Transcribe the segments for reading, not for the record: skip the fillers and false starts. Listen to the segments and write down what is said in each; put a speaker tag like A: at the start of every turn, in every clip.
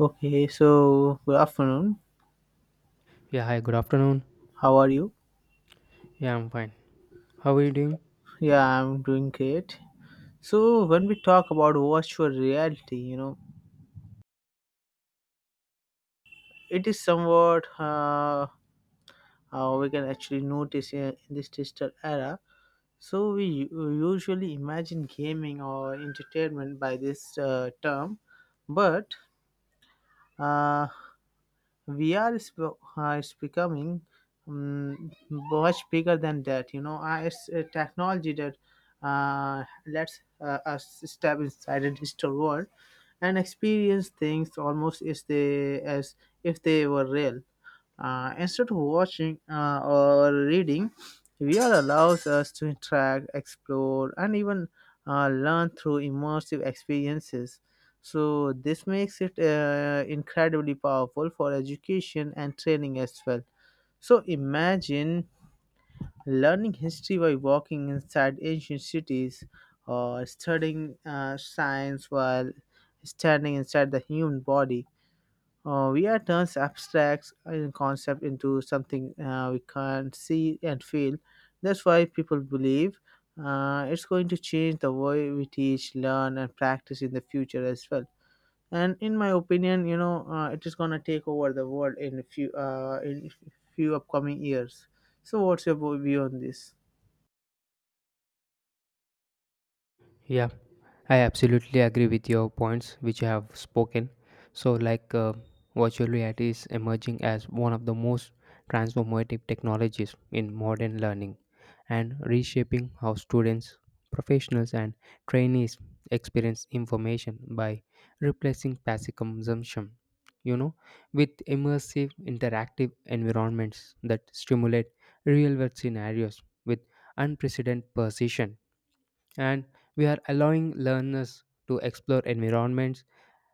A: Okay, so good afternoon.
B: Yeah, hi, good afternoon.
A: How are you?
B: Yeah, I'm fine. How are you doing?
A: Yeah, I'm doing great. So when we talk about virtual reality, you know, it is somewhat we can actually notice in this digital era. So we usually imagine gaming or entertainment by this term, but uh, VR it's becoming much bigger than that. You know, it's a technology that lets us step inside a digital world and experience things almost as if they were real. Instead of watching or reading, VR allows us to interact, explore, and even learn through immersive experiences, so this makes it incredibly powerful for education and training as well. So imagine learning history by walking inside ancient cities, or studying science while standing inside the human body. We are turns abstract concept into something we can see and feel. That's why people believe it's going to change the way we teach, learn, and practice in the future as well. And in my opinion, you know, it is going to take over the world in a few upcoming years. So what's your view on this?
B: Yeah, I absolutely agree with your points which you have spoken. So, virtual reality is emerging as one of the most transformative technologies in modern learning and reshaping how students, professionals, and trainees experience information by replacing passive consumption. You know, with immersive interactive environments that stimulate real world scenarios with unprecedented precision and we are allowing learners to explore environments,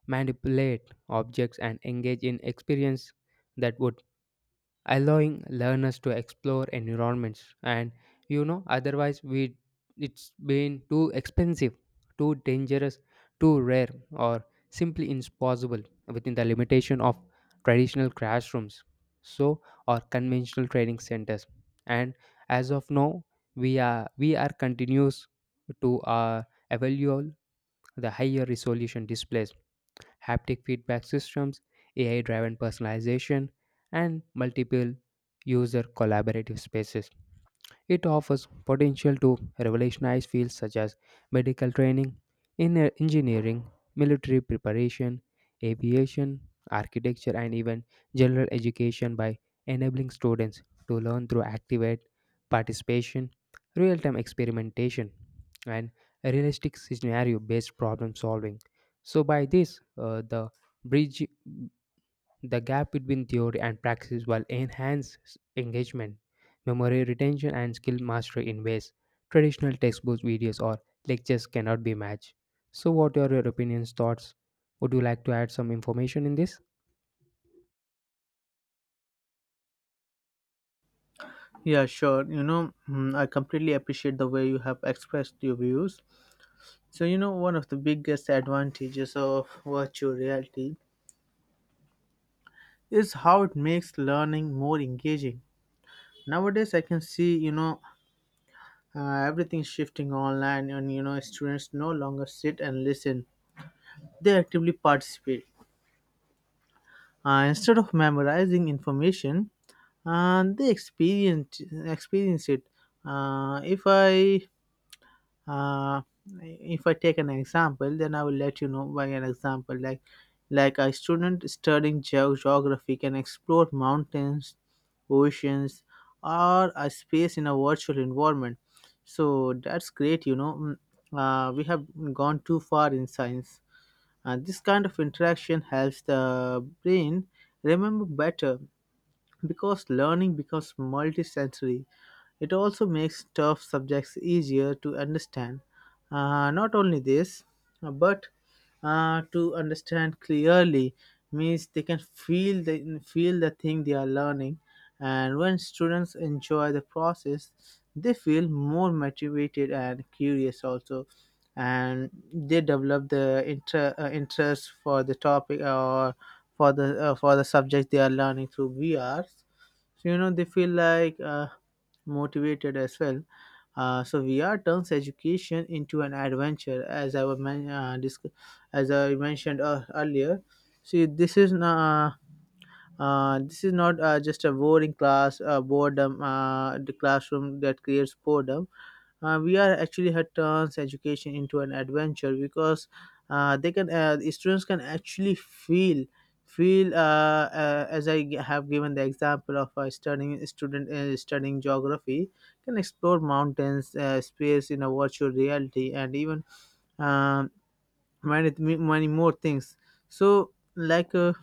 B: manipulate objects, and engage in experience that would allowing learners to explore environments and you know otherwise we it's been too expensive, too dangerous, too rare, or simply impossible within the limitation of traditional classrooms, so or conventional training centers. And as of now, we are continuous to evaluate the higher resolution displays, haptic feedback systems, AI driven personalization, and multiple user collaborative spaces. It offers potential to revolutionize fields such as medical training, in engineering, military preparation, aviation, architecture, and even general education by enabling students to learn through active participation, real time experimentation, and realistic scenario based problem solving. So, by this, the bridge the gap between theory and practice will enhance engagement, memory retention, and skill mastery in ways traditional textbooks, videos, or lectures cannot be matched. So, what are your opinions, thoughts? Would you like to add some information in this?
A: Yeah, sure, you know. I completely appreciate the way you have expressed your views. So, you know, one of the biggest advantages of virtual reality is how it makes learning more engaging. Nowadays, I can see, you know, everything's shifting online, and you know, students no longer sit and listen, they actively participate. Instead of memorizing information, they experience it. Uh, if I uh, if I take an example, then I will let you know by an example. Like a student studying geography can explore mountains, oceans, or a space in a virtual environment. So that's great. You know. We have gone too far in science. And this kind of interaction helps the brain remember better, because learning becomes multisensory. It also makes tough subjects easier to understand. Not only this, but to understand clearly means they can feel the thing they are learning, and when students enjoy the process, they feel more motivated and curious also, and they develop the interest for the topic, or for the subject they are learning through VRs. So, you know, they feel like motivated as well. So VR turns education into an adventure, as I mentioned earlier. See, this is not. This is not just a boring class, the classroom that creates boredom. We are actually had turns education into an adventure, because the students can actually feel as I have given the example of a studying student studying geography, can explore mountains, space in a virtual reality, and even um many more things. So like.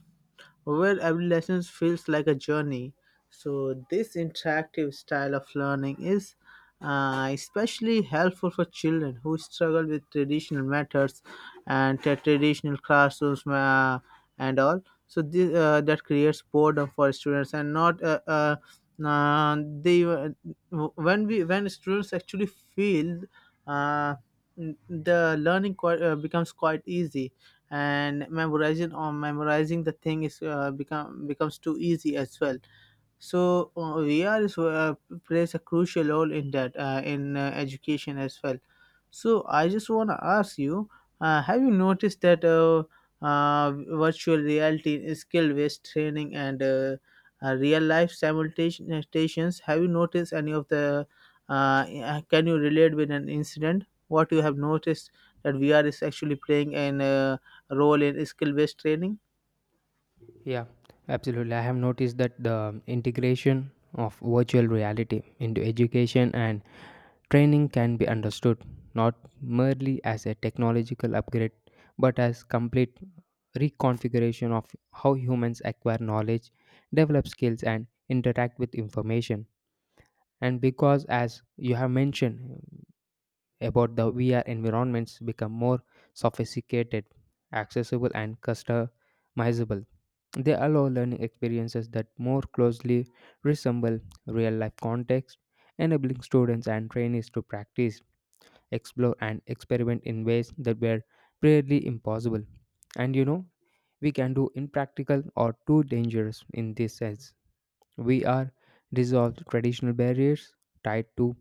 A: Where every lesson feels like a journey. So, this interactive style of learning is especially helpful for children who struggle with traditional methods, and traditional classrooms, and all. So this, that creates boredom for students and not. They when we when students actually feel uh, the learning quite, becomes quite easy, and memorizing the thing is becomes too easy as well. So VR is, plays a crucial role in that, in education as well. So I just want to ask you, have you noticed that uh, virtual reality is skill-based training and real-life simultaneous, have you noticed any of the uh, can you relate with an incident what you have noticed, that VR is actually playing an role in skill based training?
B: Yeah, absolutely. I have noticed that the integration of virtual reality into education and training can be understood not merely as a technological upgrade but as complete reconfiguration of how humans acquire knowledge, develop skills, and interact with information. And because as you have mentioned about the VR environments become more sophisticated, accessible, and customizable. They allow learning experiences that more closely resemble real life context, enabling students and trainees to practice, explore, and experiment in ways that were previously impossible. And you know, we can do impractical or too dangerous in this sense. We are resolved traditional barriers tied to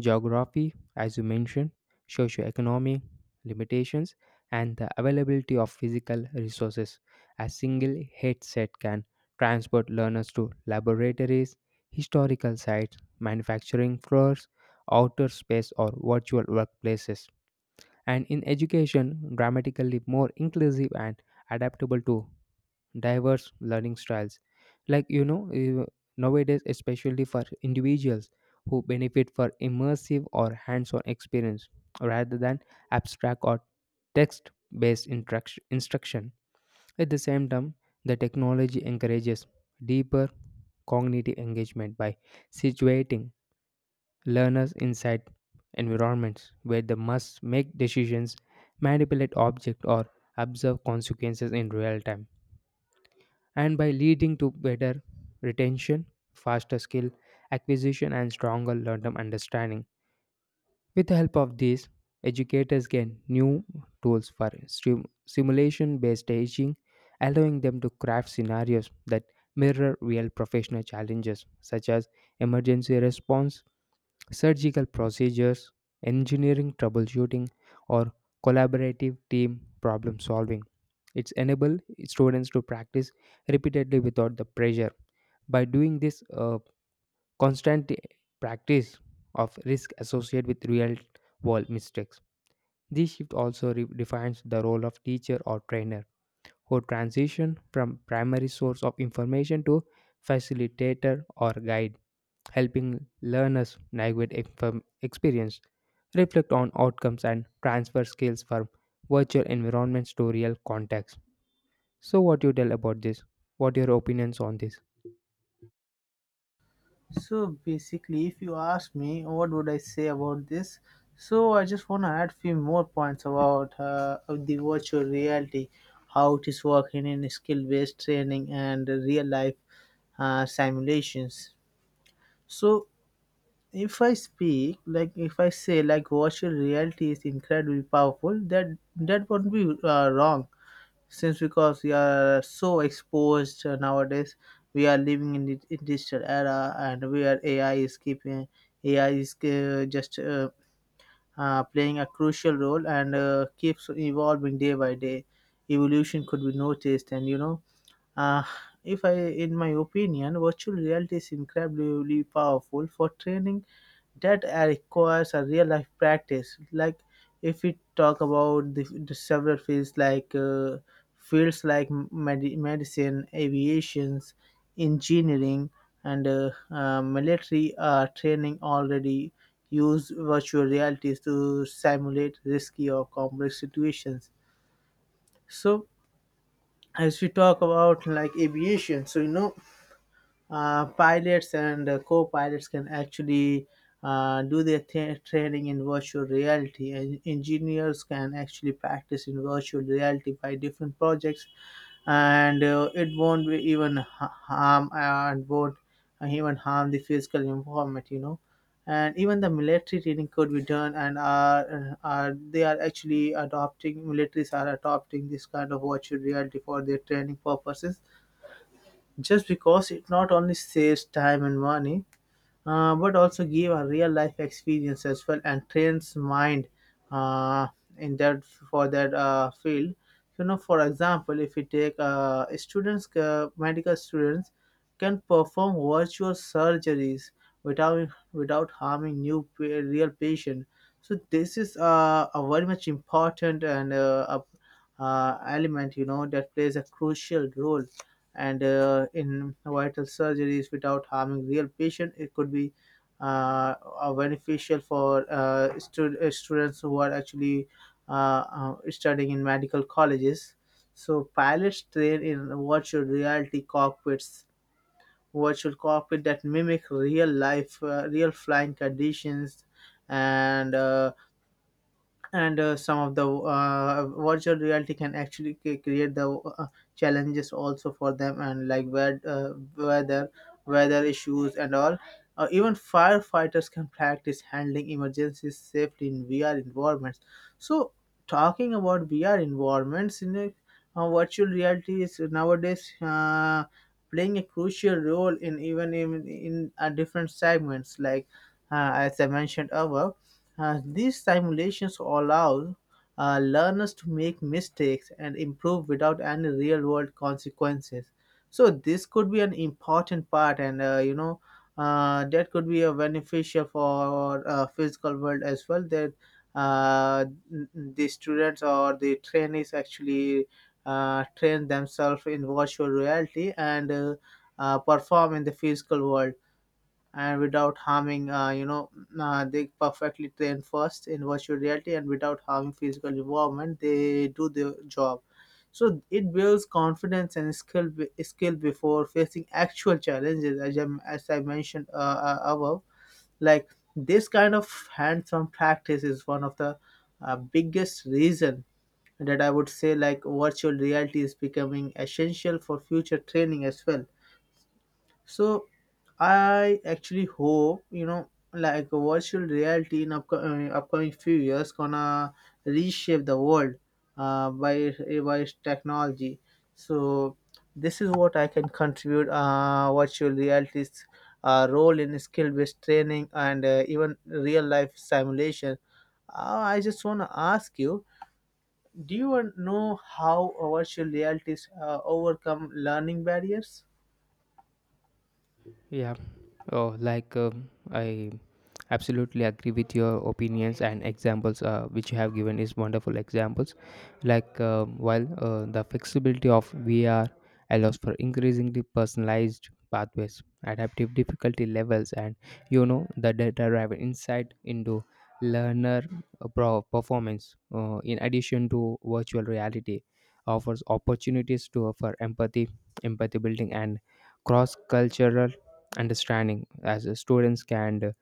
B: geography, as you mentioned, socioeconomic limitations, and the availability of physical resources. A single headset can transport learners to laboratories, historical sites, manufacturing floors, outer space, or virtual workplaces. And in education, dramatically more inclusive and adaptable to diverse learning styles, like you know eh, nowadays especially for individuals who benefit for immersive or hands-on experience rather than abstract or text-based instruction. At the same time, the technology encourages deeper cognitive engagement by situating learners inside environments where they must make decisions, manipulate objects, or observe consequences in real time, and by leading to better retention, faster skill acquisition, and stronger long term understanding. With the help of these, educators gain new tools for simulation based teaching, allowing them to craft scenarios that mirror real professional challenges such as emergency response, surgical procedures, engineering troubleshooting, or collaborative team problem solving. It's enable students to practice repeatedly without the pressure. By doing this constant practice of risk associated with real world mistakes. This shift also defines the role of teacher or trainer who transition from primary source of information to facilitator or guide, helping learners navigate experience, reflect on outcomes, and transfer skills from virtual environments to real contexts. So, what you tell about this? What your opinions on this?
A: So basically, if you ask me, what would I say about this? So I just want to add few more points about of the virtual reality, how it is working in skill based training and real life simulations. So, if I speak like, if I say like virtual reality is incredibly powerful, that won't be wrong, since because we are so exposed nowadays. We are living in the in digital era, and where ai is keeping ai is just playing a crucial role, and keeps evolving day by day. Evolution could be noticed, and you know, uh, if I in my opinion, virtual reality is incredibly powerful for training that requires a real life practice. Like, if we talk about the several fields, like medicine, aviations, engineering, and military are training, already use virtual realities to simulate risky or complex situations. So, as we talk about like aviation, so you know, pilots and co-pilots can actually do their training in virtual reality, and engineers can actually practice in virtual reality by different projects, and it won't be even ha- harm and won't even harm the physical environment, you know. And even the military training could be done, and are they are actually adopting militaries are adopting this kind of virtual reality for their training purposes, just because it not only saves time and money, but also give a real life experience as well, and trains mind uh, in that for that field. You know, for example, if you take students medical students can perform virtual surgeries without harming real patient. So this is a very much important and element, you know, that plays a crucial role. And in vital surgeries without harming real patient, it could be uh, beneficial for students who are actually studying in medical colleges. So pilots train in virtual reality cockpits, virtual cockpit that mimic real life, real flying conditions, and uh, and some of the virtual reality can actually create the uh, challenges also for them, and like weather issues and all. Uh, even firefighters can practice handling emergencies safely in VR environments. So, talking about VR environments in a, virtual reality is nowadays playing a crucial role in even in different segments, like as I mentioned above, these simulations allow learners to make mistakes and improve without any real world consequences. So this could be an important part, and, you know, that could be a beneficial for physical world as well. That uh, the students or the trainees actually train themselves in virtual reality, and perform in the physical world, and without harming, you know, they perfectly train first in virtual reality, and without harming physical environment, they do their job. So it builds confidence and skill before facing actual challenges, as as I mentioned above. Like, this kind of hands-on practice is one of the biggest reason that I would say, like virtual reality is becoming essential for future training as well. So I actually hope, you know, like virtual reality in upcoming few years gonna reshape the world uh, by by its technology. So this is what I can contribute. Virtual reality's role in skill-based training and even real-life simulation. I just wanna ask you: do you want know how virtual realities overcome learning barriers?
B: Yeah. I absolutely agree with your opinions and examples which you have given is wonderful examples. Like while The flexibility of VR allows for increasingly personalized pathways, adaptive difficulty levels, and you know the data-driven insight into learner performance. In addition to virtual reality, offers opportunities to offer empathy, empathy building, and cross-cultural understanding as students can uh,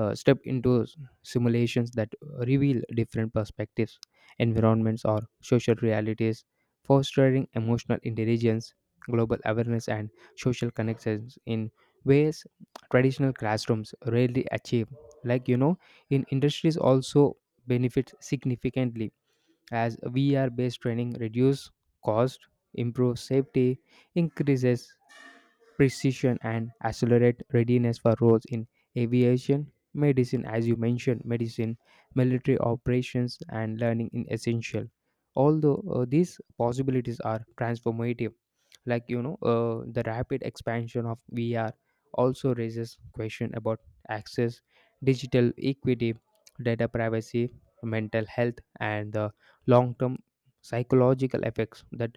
B: uh, step into simulations that reveal different perspectives, environments, or social realities, fostering emotional intelligence, global awareness, and social connections in ways traditional classrooms rarely achieve. Like, you know, in industries also benefits significantly as VR based training reduce cost, improves safety, increases precision, and accelerate readiness for roles in aviation, medicine, as you mentioned, medicine, military operations, and learning in essential. Although these possibilities are transformative, the rapid expansion of VR also raises question about access, digital equity, data privacy, mental health, and the long-term psychological effects that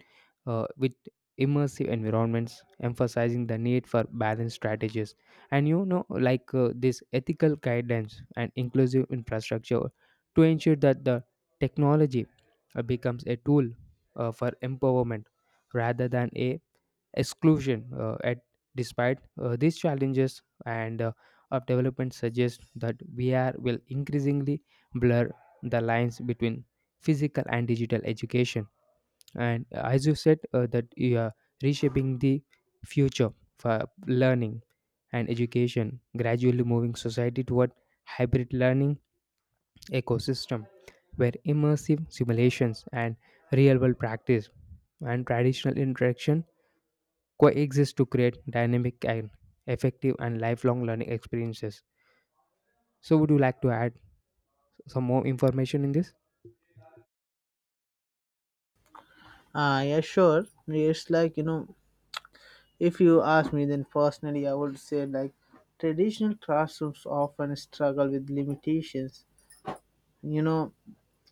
B: which immersive environments emphasizing the need for balanced strategies and this ethical guidance and inclusive infrastructure to ensure that the technology becomes a tool for empowerment rather than a exclusion at despite these challenges and of development suggest that VR will increasingly blur the lines between physical and digital education, and as you said that you are reshaping the future for learning and education, gradually moving society toward hybrid learning ecosystem where immersive simulations and real world practice and traditional interaction coexist to create dynamic and effective and lifelong learning experiences. So would you like to add some more information in this?
A: Yeah, sure. It's like, you know, if you ask me, then personally, I would say like, traditional classrooms often struggle with limitations. You know,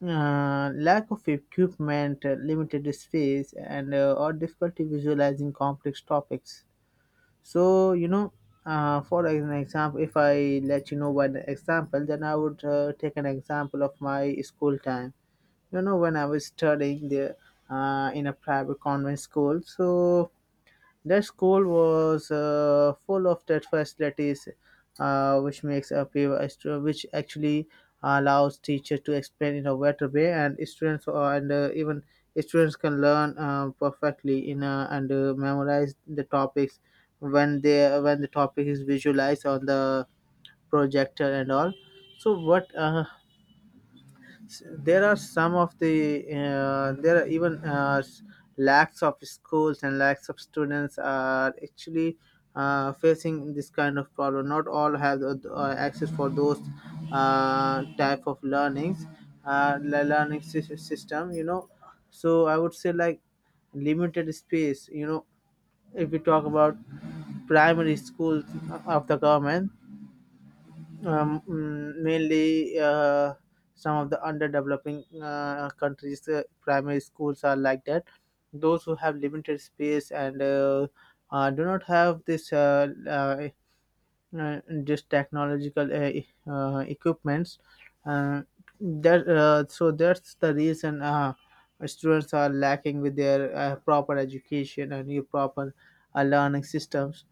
A: lack of equipment, limited space, and or difficulty visualizing complex topics. So, you know, for an example, if I let you know one example, then I would take an example of my school time. You know, when I was studying there, in a private convent school, so the school was full of that facilities, which makes a paper extra- which actually allows teachers to explain in a better way, and students and even students can learn perfectly in and memorize the topics, when they when the topic is visualized on the projector and all. So what? S- there are some of the there are even lacks of schools and lacks of students are actually facing this kind of problem. Not all have the access for those type of learnings, learning system, so I would say like limited space. If we talk about primary schools of the government, mainly, some of the underdeveloping countries' primary schools are like that, those who have limited space and do not have this technological equipments uh, that so that's the reason students are lacking with their proper education and new proper learning systems,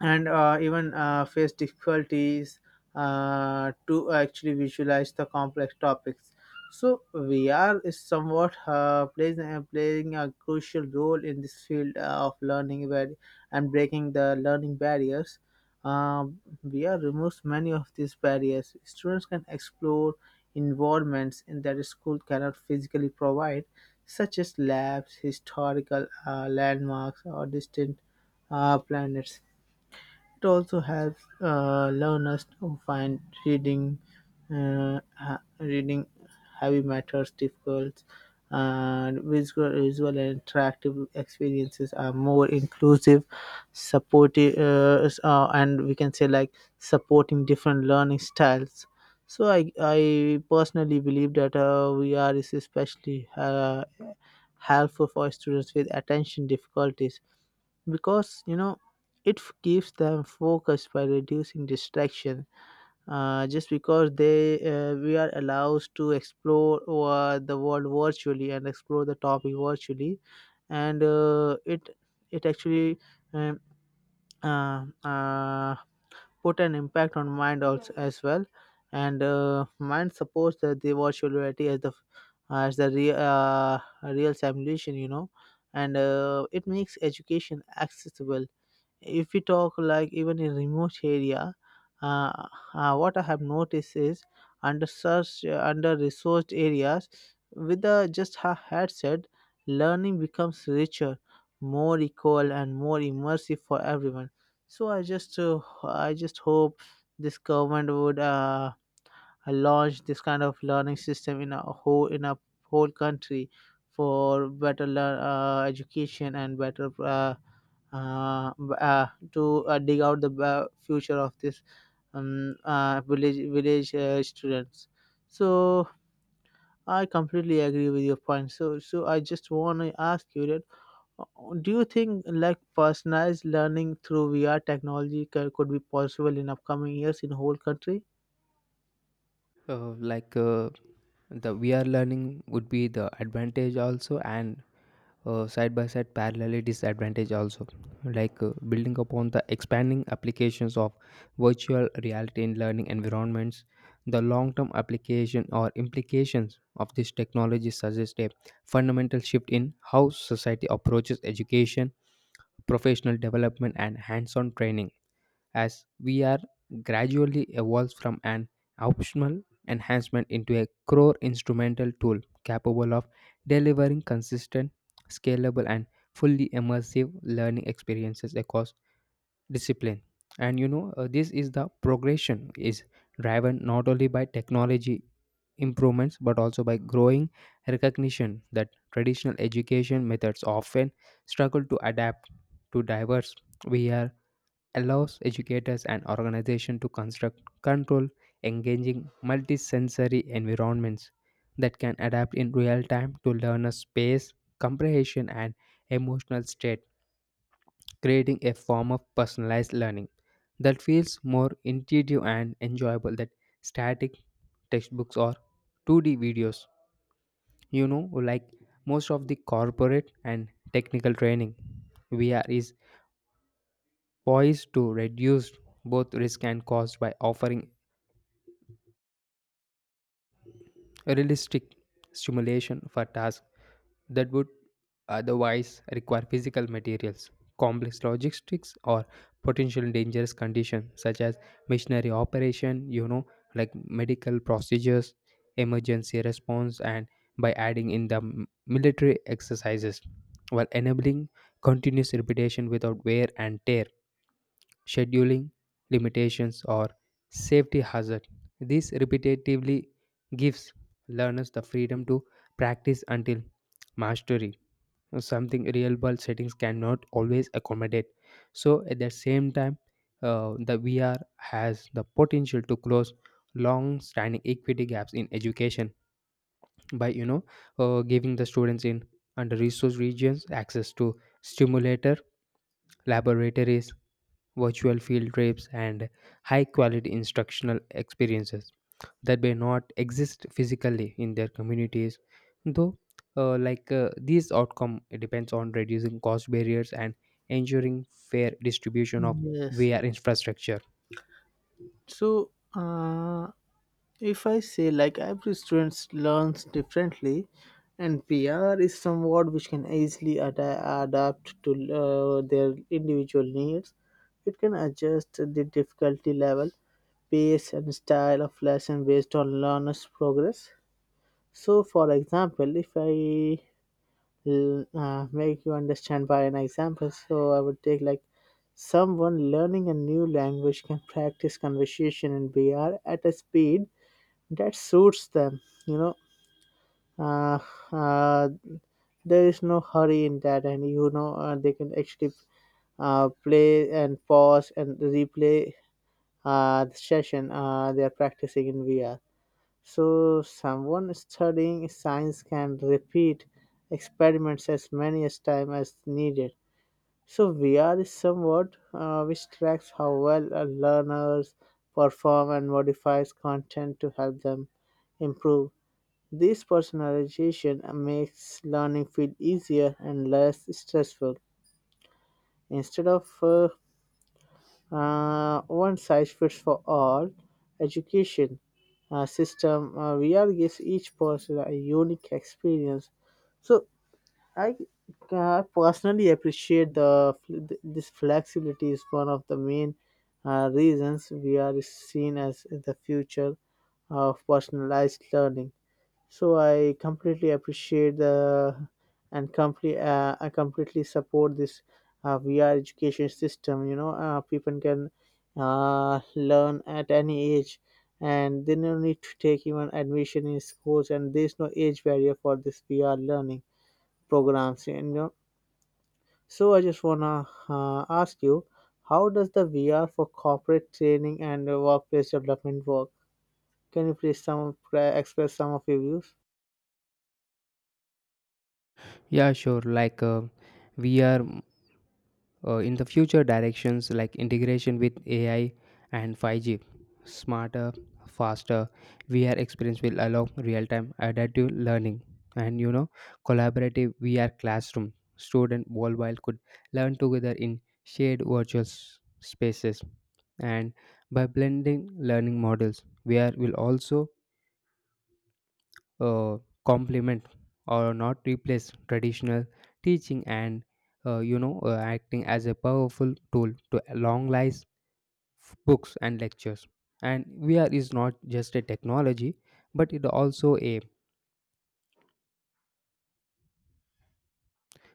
A: and even face difficulties to actually visualize the complex topics. So VR is somewhat playing a crucial role in this field of learning, where, and breaking the learning barriers. Um VR removes many of these barriers. Students can explore environments in that school cannot physically provide, such as labs, historical landmarks, or distant planets. It also helps learners to find reading reading heavy matters difficult, and visual and interactive experiences are more inclusive, and we can say like supporting different learning styles. So I personally believe that VR is especially helpful for students with attention difficulties, because it keeps them focused by reducing distraction, just because they we are allowed to explore the world virtually and explore the topic virtually. And it actually um, uh, uh, put an impact on mind also as well, and mind supports the virtual reality as the real real simulation. And it makes education accessible, if we talk like, even in remote area. uh, what I have noticed is, under such under resourced areas, with the just a headset, learning becomes richer, more equal and more immersive for everyone. So I just hope this government would launch this kind of learning system in a whole country, for better education and better uh, b- uh, to dig out the future of this village village students. So I completely agree with your point. So I just want to ask you that, uh, do you think like personalized learning through VR technology could be possible in upcoming years in whole country?
B: uh, like uh, the VR learning would be the advantage also and side by side parallelly disadvantage also, building upon the expanding applications of virtual reality in learning environments. The long term application or implications of this technology suggest a fundamental shift in how society approaches education, professional development, and hands on training as VR gradually evolves from an optional enhancement into a core instrumental tool capable of delivering consistent, scalable, and fully immersive learning experiences across discipline. And you know, this is the progression is driven not only by technology improvements but also by growing recognition that traditional education methods often struggle to adapt to diverse. VR allows educators and organizations to construct, control, engaging multisensory environments that can adapt in real time to learners' space, comprehension, and emotional state, creating a form of personalized learning that feels more intuitive and enjoyable than static textbooks or 2D videos. You know, like most of the corporate and technical training, VR is poised to reduce both risk and cost by offering realistic stimulation for tasks that would otherwise require physical materials, complex logistics, or potential dangerous conditions such as missionary operation, you know, like medical procedures, emergency response, and by adding in the military exercises while enabling continuous repetition without wear and tear, scheduling limitations, or safety hazard. This repetitively gives learners the freedom to practice until mastery, something real world settings cannot always accommodate. So, at the same time, the VR has the potential to close long-standing equity gaps in education by giving the students in under-resourced regions access to stimulator laboratories, virtual field trips, and high quality instructional experiences that may not exist physically in their communities. Though, this outcome depends on reducing cost barriers and ensuring fair distribution of
A: Yes.
B: VR infrastructure.
A: So, if I say like every student learns differently, and PR is somewhat which can easily adapt to their individual needs. It can adjust the difficulty level, pace, and style of lesson based on learner's progress. So, for example, if I make you understand by an example. So I would take like someone learning a new language can practice conversation in VR at a speed that suits them. You know, uh, uh, there is no hurry in that, and they can actually play and pause and replay the session they are practicing in VR. So, someone studying science can repeat experiments as many as time as needed. So, VR is somewhat which tracks how well learners perform and modifies content to help them improve. This personalization makes learning feel easier and less stressful. Instead of one size fits for all education system, VR gives each person a unique experience. So I personally appreciate the this flexibility is one of the main reasons VR is seen as the future of personalized learning. So I completely appreciate the, and completely I completely support this VR education system. You know, people can learn at any age, and they no need to take even admission in schools, and there's no age barrier for this VR learning programs. You know, so I just wanna ask you, how does the VR for corporate training and workplace development work? Can you please some express some of your views?
B: Yeah, sure. We are mm, in the future directions like integration with AI and 5G, smarter, faster. VR experience will allow real-time adaptive learning, and you know, collaborative VR classroom. Student worldwide could learn together in shared virtual spaces, and by blending learning models, VR will also uh, complement or not replace traditional teaching and acting as a powerful tool to longlize books and lectures. And VR is not just a technology but it also a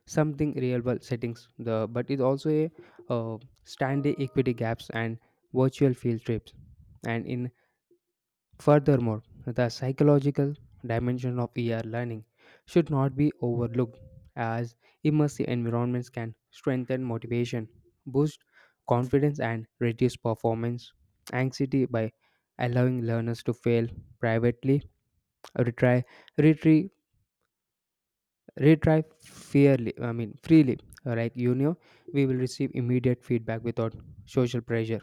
B: something real world settings the but it also a uh, standing equity gaps and virtual field trips and in. Furthermore, the psychological dimension of VR learning should not be overlooked, as immersive environments can strengthen motivation, boost confidence, and reduce performance anxiety by allowing learners to fail privately, retry, retry, retry fairly. I mean, freely. Like you know, we will receive immediate feedback without social pressure,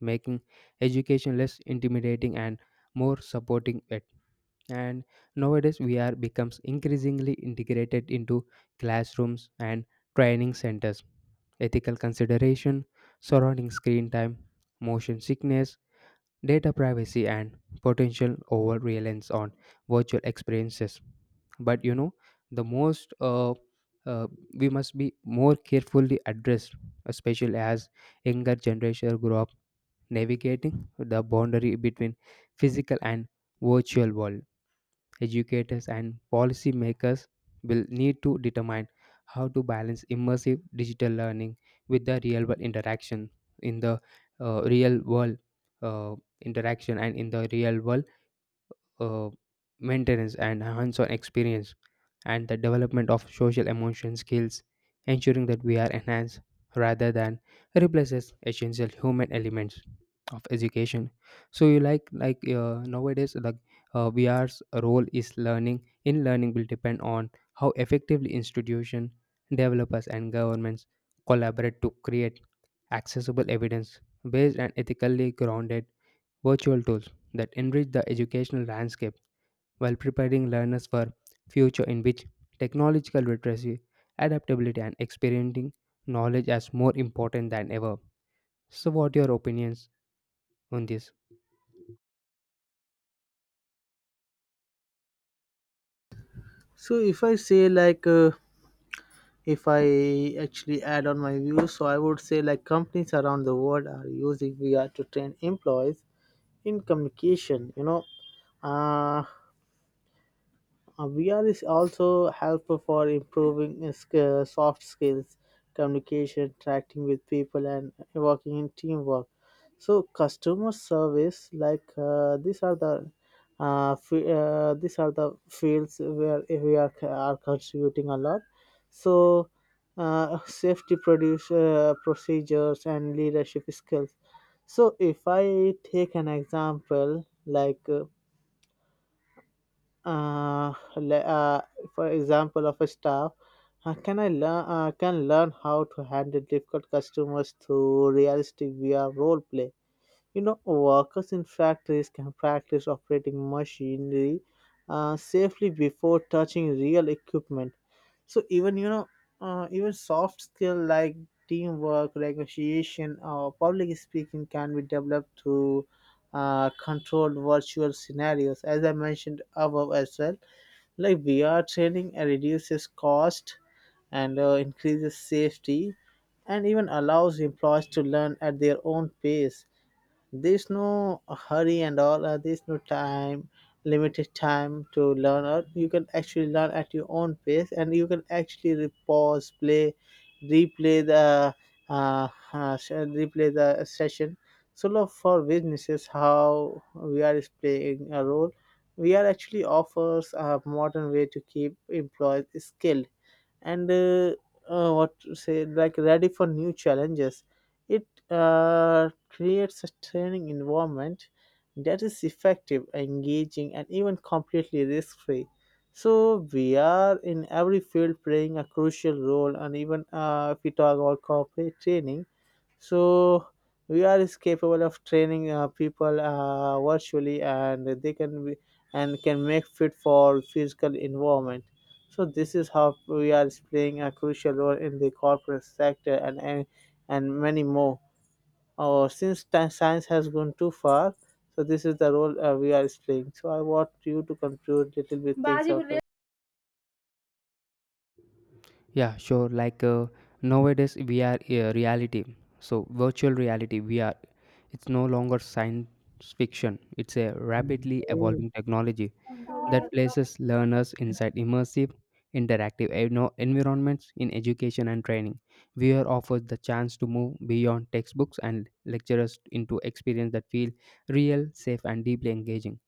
B: making education less intimidating and more supporting. And nowadays VR becomes increasingly integrated into classrooms and training centers, ethical consideration surrounding screen time, motion sickness, data privacy, and potential over reliance on virtual experiences, but you know the most uh, we must be more carefully addressed, especially as younger generation grow up navigating the boundary between physical and virtual world. Educators and policymakers will need to determine how to balance immersive digital learning with the real world interaction in the real world uh, interaction, and in the real world uh, maintenance and hands-on experience and the development of social emotion skills, ensuring that we are enhanced rather than replaces essential human elements of education. So you like nowadays like VR's role is learning in learning will depend on how effectively institution, developers, and governments collaborate to create accessible, evidence based, and ethically grounded virtual tools that enrich the educational landscape while preparing learners for future in which technological literacy, adaptability, and experiencing knowledge as more important than ever. So what your opinions on this?
A: So if I say like, if I actually add on my views, so I would say like companies around the world are using VR to train employees in communication. Uh, VR is also helpful for improving soft skills, communication, interacting with people, and working in teamwork. So, customer service, like these are the these are the fields where we are contributing a lot. So, safety procedures and leadership skills. So, if I take an example, like uh, le- uh, for example of a staff can learn how to handle difficult customers through realistic VR role play. You know, workers in factories can practice operating machinery safely before touching real equipment. So even you know, even soft skill like teamwork, negotiation, or public speaking can be developed through controlled virtual scenarios. As I mentioned above as well, like VR training reduces cost and increases safety, and even allows employees to learn at their own pace. There's no hurry and all. There's no time limited time to learn, or you can actually learn at your own pace, and you can actually pause, play, replay the replay the session. So love for businesses how we are is playing a role, we are actually offers a modern way to keep employees skilled, and what to say, like ready for new challenges. It creates a training environment that is effective, engaging and even completely risk-free. So we are in every field playing a crucial role, and even if we talk about corporate training, so we are is capable of training people virtually, and they can be, and can make fit for physical environment. So this is how we are is playing a crucial role in the corporate sector, and many more. Oh, since science has gone too far, so this is the role we are is playing. So I want you to conclude little bit things of it.
B: Yeah, sure. Nowadays we are reality. So virtual reality we are, it's no longer science fiction. It's a
A: Mm.
B: rapidly evolving technology that places learners inside immersive, interactive environments in education and training. VR offers the chance to move beyond textbooks and lecturers into experience that feel real, safe, and deeply engaging.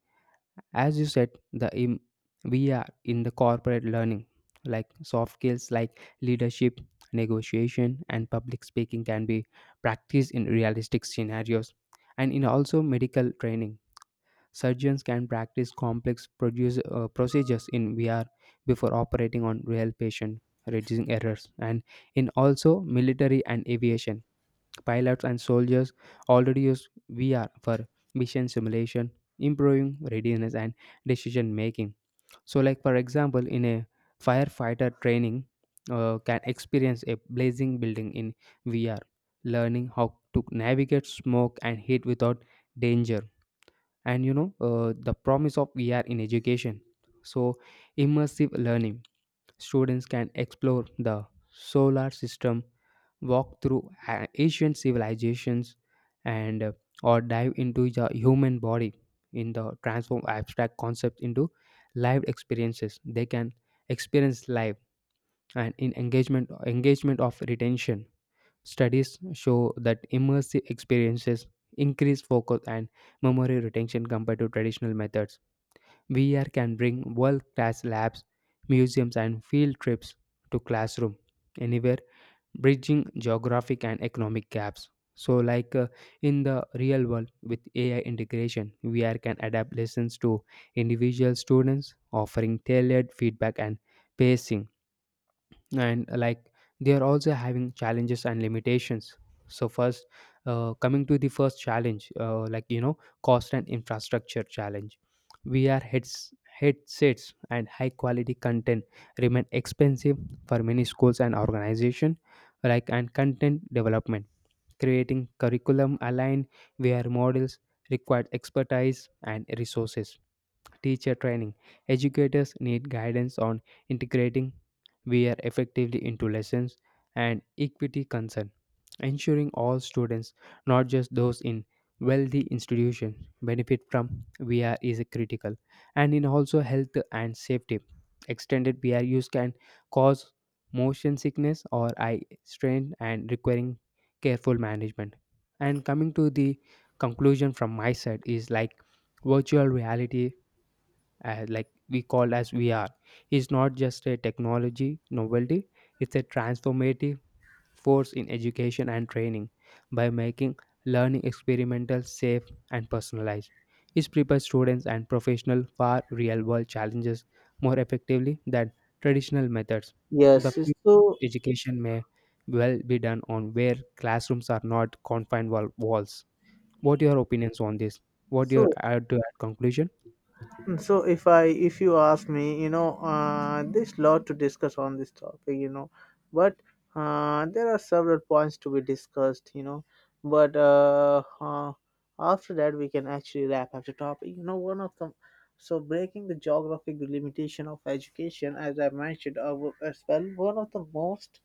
B: As you said, VR in the corporate learning, like soft skills like leadership, negotiation, and public speaking, can be practiced in realistic scenarios, and in also medical training. Surgeons can practice complex procedures in VR before operating on real patient, reducing errors. And in also military and aviation, pilots and soldiers already use VR for mission simulation, improving readiness and decision making. So, like for example, in a firefighter training, can experience a blazing building in VR, learning how to navigate smoke and heat without danger and you know The promise of VR in education, so immersive learning, students can explore the solar system, walk through ancient civilizations, and or dive into the human body, in the transform abstract concepts into live experiences they can experience live. And in engagement of retention, studies show that immersive experiences increase focus and memory retention compared to traditional methods. VR can bring world class labs, museums, and field trips to classroom anywhere, bridging geographic and economic gaps. So, in the real world with AI integration, VR can adapt lessons to individual students, offering tailored feedback and pacing. And they are also having challenges and limitations. So first, coming to the first challenge, cost and infrastructure challenge, vr heads headsets and high quality content remain expensive for many schools and organization, like, and content development, creating curriculum aligned where models, require expertise and resources. Teacher training. Educators need guidance on integrating VR effectively into lessons. And equity concern, ensuring all students, not just those in wealthy institutions, benefit from VR is critical. And in also health and safety. Extended VR use can cause motion sickness or eye strain and requiring careful management. And coming to the conclusion from my side is like virtual reality, like we call as VR, is not just a technology novelty; it's a transformative force in education and training, by making learning experimental, safe, and personalized. It prepares students and professionals for real world challenges more effectively than traditional methods. The
A: Yes,
B: future
A: so
B: of education may well be done on where classrooms are not confined walls. What are your opinions on this? What your
A: so
B: add to add conclusion?
A: mm, so if you ask me, you know, there's lot to discuss on this topic, you know, but there are several points to be discussed, you know, but after that we can actually wrap up the topic. You know, one of the So breaking the geographic limitation of education, as I mentioned as well, one of the most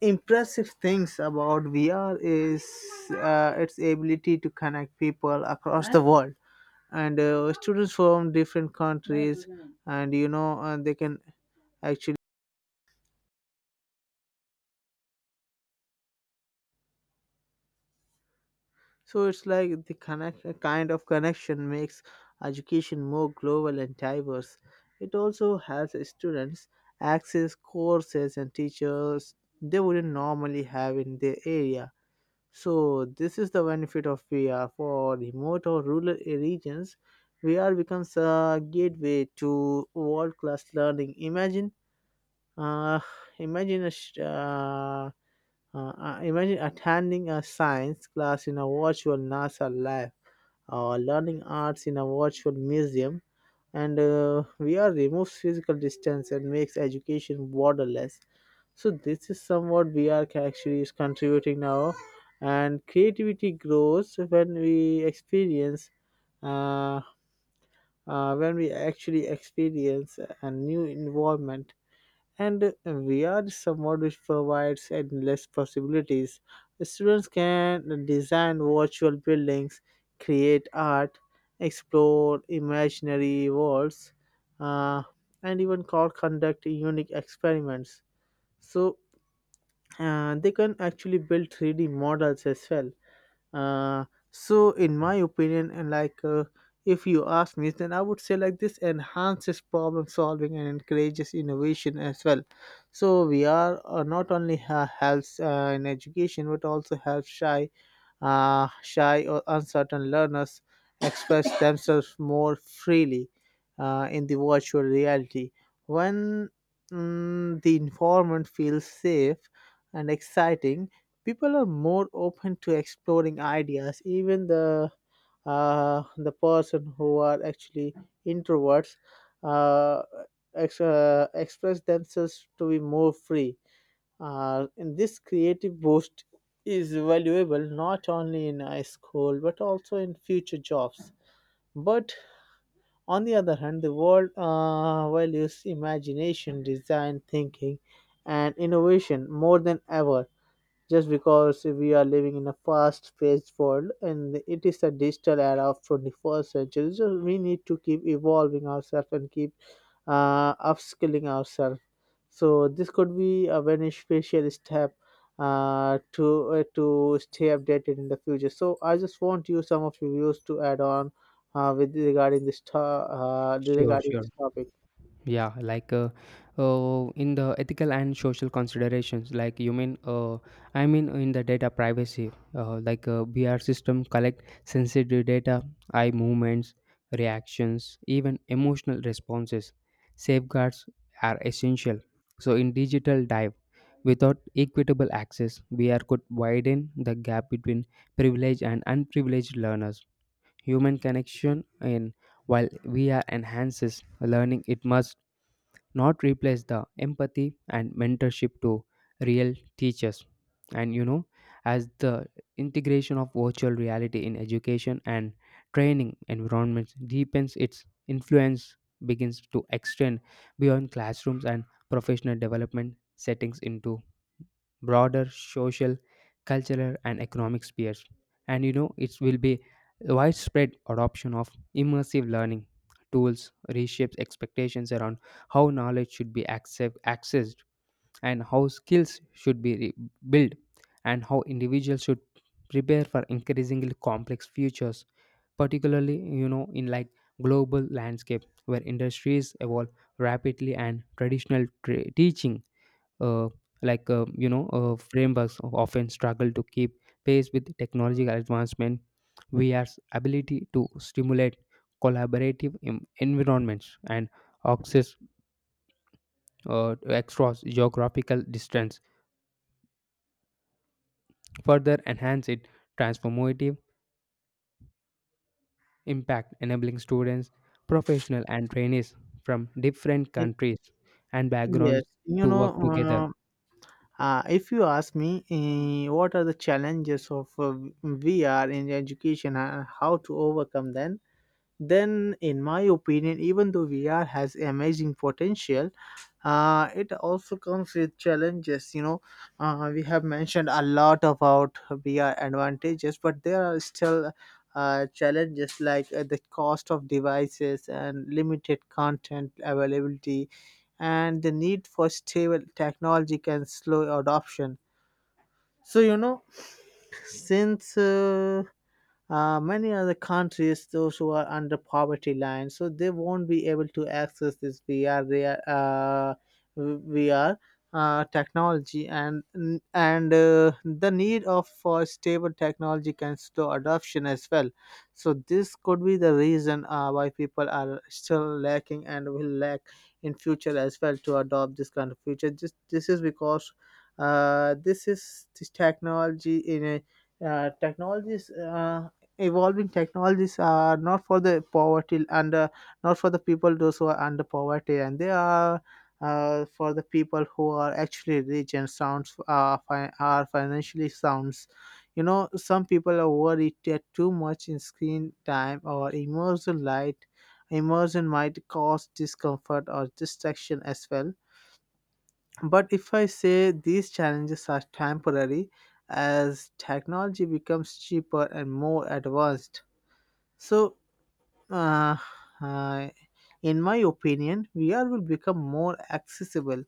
A: impressive things about VR is its ability to connect people across the world, and students from different countries, and they can actually, so it's like the connect kind of connection makes education more global and diverse. It also helps students access courses and teachers they wouldn't normally have in their area. So this is the benefit of VR for remote or rural regions. VR becomes a gateway to world class learning. Uh, imagine a sh- uh, Imagine attending a science class in a virtual NASA lab, or learning arts in a virtual museum. And VR removes physical distance and makes education borderless. So this is somewhat VR actually is contributing now, and creativity grows when we experience uh, when we actually experience a new environment, and VR somewhat which provides endless possibilities. Students can design virtual buildings, create art, explore imaginary worlds, uh, and even conduct unique experiments. So they can actually build 3D models as well. uh, so in my opinion, and like if you ask me, then I would say like this enhances problem solving and encourages innovation as well. So we are not only helps in education, but also helps shy or uncertain learners express themselves more freely in the virtual reality. When the environment feels safe and exciting, people are more open to exploring ideas. Even the person who are actually introverts uh, express themselves to be more free, and this creative boost is valuable not only in high school but also in future jobs. But on the other hand, the world values imagination, design, thinking, and innovation more than ever. Just because we are living in a fast-paced world, and it is a digital era of 21st century, so we need to keep evolving ourselves and keep upskilling ourselves. So this could be a very special step to stay updated in the future. So I just want you some of your views to add on with regarding this to-
B: Sure,
A: regarding
B: sure.
A: this topic.
B: Yeah, in the ethical and social considerations, like you mean, I mean in the data privacy, BR system collect sensitive data, eye movements, reactions, even emotional responses. Safeguards are essential. So in digital dive, without equitable access, BR could widen the gap between privileged and unprivileged learners. Human connection in, while VR enhances learning, it must not replace the empathy and mentorship to real teachers. And as the integration of virtual reality in education and training environments deepens, its influence begins to extend beyond classrooms and professional development settings into broader social, cultural, and economic spheres. And you know, it will be widespread adoption of immersive learning tools, reshapes expectations around how knowledge should be accessed, and how skills should be built, and how individuals should prepare for increasingly complex futures, particularly in global landscape where industries evolve rapidly and traditional teaching uh, frameworks often struggle to keep pace with technological advancement. VR's ability to stimulate collaborative environments and access, to across geographical distance, further enhance its transformative impact, enabling students, professionals, and trainees from different
A: Y-
B: countries and
A: Yes,
B: backgrounds
A: you
B: to work together.
A: know, if you ask me, what are the challenges of VR in education and how to overcome them? Then, in my opinion, even though VR has amazing potential, it also comes with challenges. You know, we have mentioned a lot about VR advantages, but there are still challenges like the cost of devices and limited content availability, and the need for stable technology can slow adoption. So you know, since many other countries those who are under poverty line, so they won't be able to access this VR, vr technology. And the need of for stable technology can slow adoption as well. So this could be the reason why people are still lacking and will lack in future as well to adopt this kind of future. This is because this technology in a technologies, evolving technologies, are not for the poverty, and not for the people those who are under poverty, and they are for the people who are actually rich and are financially sounds. You know, some people are worried that too much in screen time or immersion might cause discomfort or distraction as well. But if I say, these challenges are temporary. As technology becomes cheaper and more advanced, so, uh, uh, in my opinion, VR will become more accessible.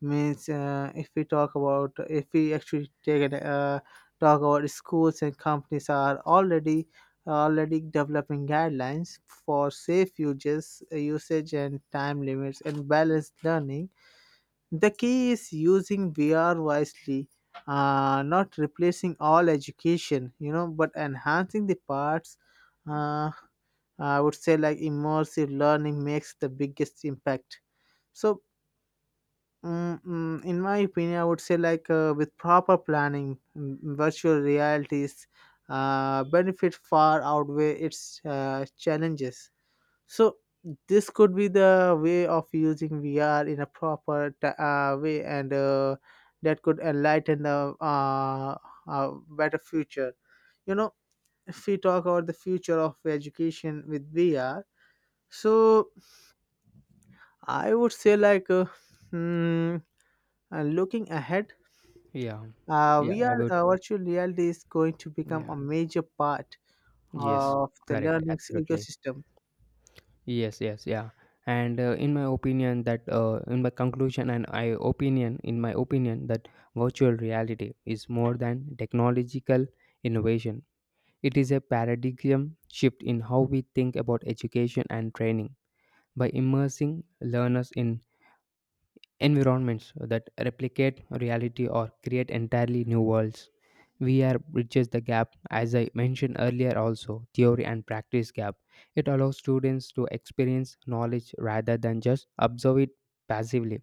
A: Means, if we actually talk about, schools and companies are already developing guidelines for safe usage and time limits and balanced learning. The key is using VR wisely, not replacing all education, you know, but enhancing the parts. uh, I would say like immersive learning makes the biggest impact. So, in my opinion, I would say like with proper planning, virtual realities benefit far outweigh its challenges. So, this could be the way of using VR in a proper way, and that could enlighten the better future. You know, if we talk about the future of education with VR, so I would say like hmm, looking ahead,
B: Yeah, yeah,
A: we
B: I
A: are
B: would,
A: virtual reality is going to become
B: yeah,
A: a major part
B: yes,
A: of the
B: correct,
A: learning
B: absolutely.
A: ecosystem.
B: Yes, yes, yeah. And in my opinion, that in my conclusion, and I opinion, in my opinion, that virtual reality is more than technological innovation. It is a paradigm shift in how we think about education and training. By immersing learners in environments that replicate reality or create entirely new worlds, VR bridges the gap, as I mentioned earlier, also theory and practice gap. It allows students to experience knowledge rather than just observe it passively,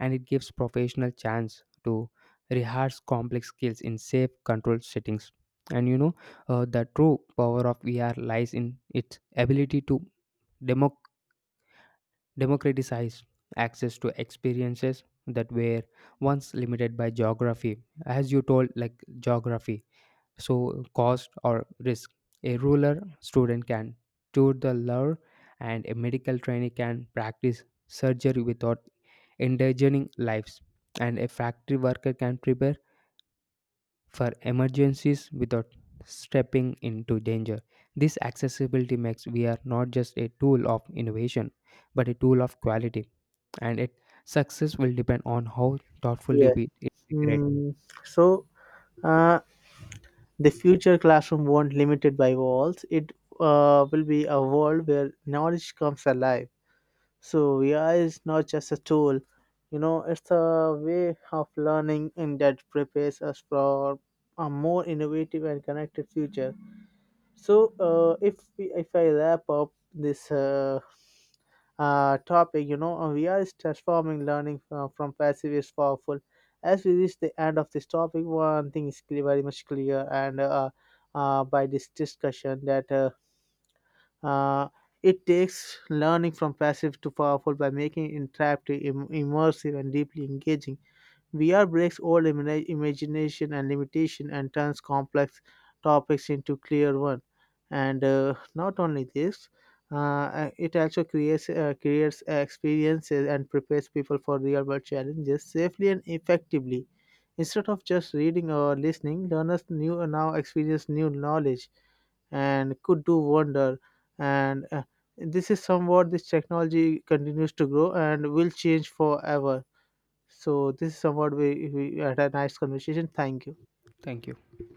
B: and it gives professional chance to rehearse complex skills in safe, controlled settings. And the true power of VR lies in its ability to democ democratized access to experiences that were once limited by geography, as you told, like geography, so cost or risk. A ruler student can tour the lure, and a medical trainee can practice surgery without endangering lives, and a factory worker can prepare for emergencies without stepping into danger. This accessibility makes VR not just a tool of innovation, but a tool of quality, and its success will depend on how thoughtfully
A: Yes.
B: we integrate.
A: Mm, so uh, the future classroom won't limited by walls. It will be a world where knowledge comes alive. So VR is not just a tool. You know, it's a way of learning, and that prepares us for a more innovative and connected future. So, if I wrap up this topic, you know, we are transforming learning from passive is powerful. As we reach the end of this topic, one thing is clear, very much clear, and by this discussion that uh, it takes learning from passive to powerful by making it interactive, immersive, and deeply engaging. VR breaks old imagination and limitation, and turns complex topics into clear one. And not only this, it also creates creates experiences and prepares people for real world challenges safely and effectively. Instead of just reading or listening, learners new now experience new knowledge and could do wonder. And this is somewhat this technology continues to grow and will change forever. So this is somewhat we had a nice conversation. Thank you.
B: Thank you.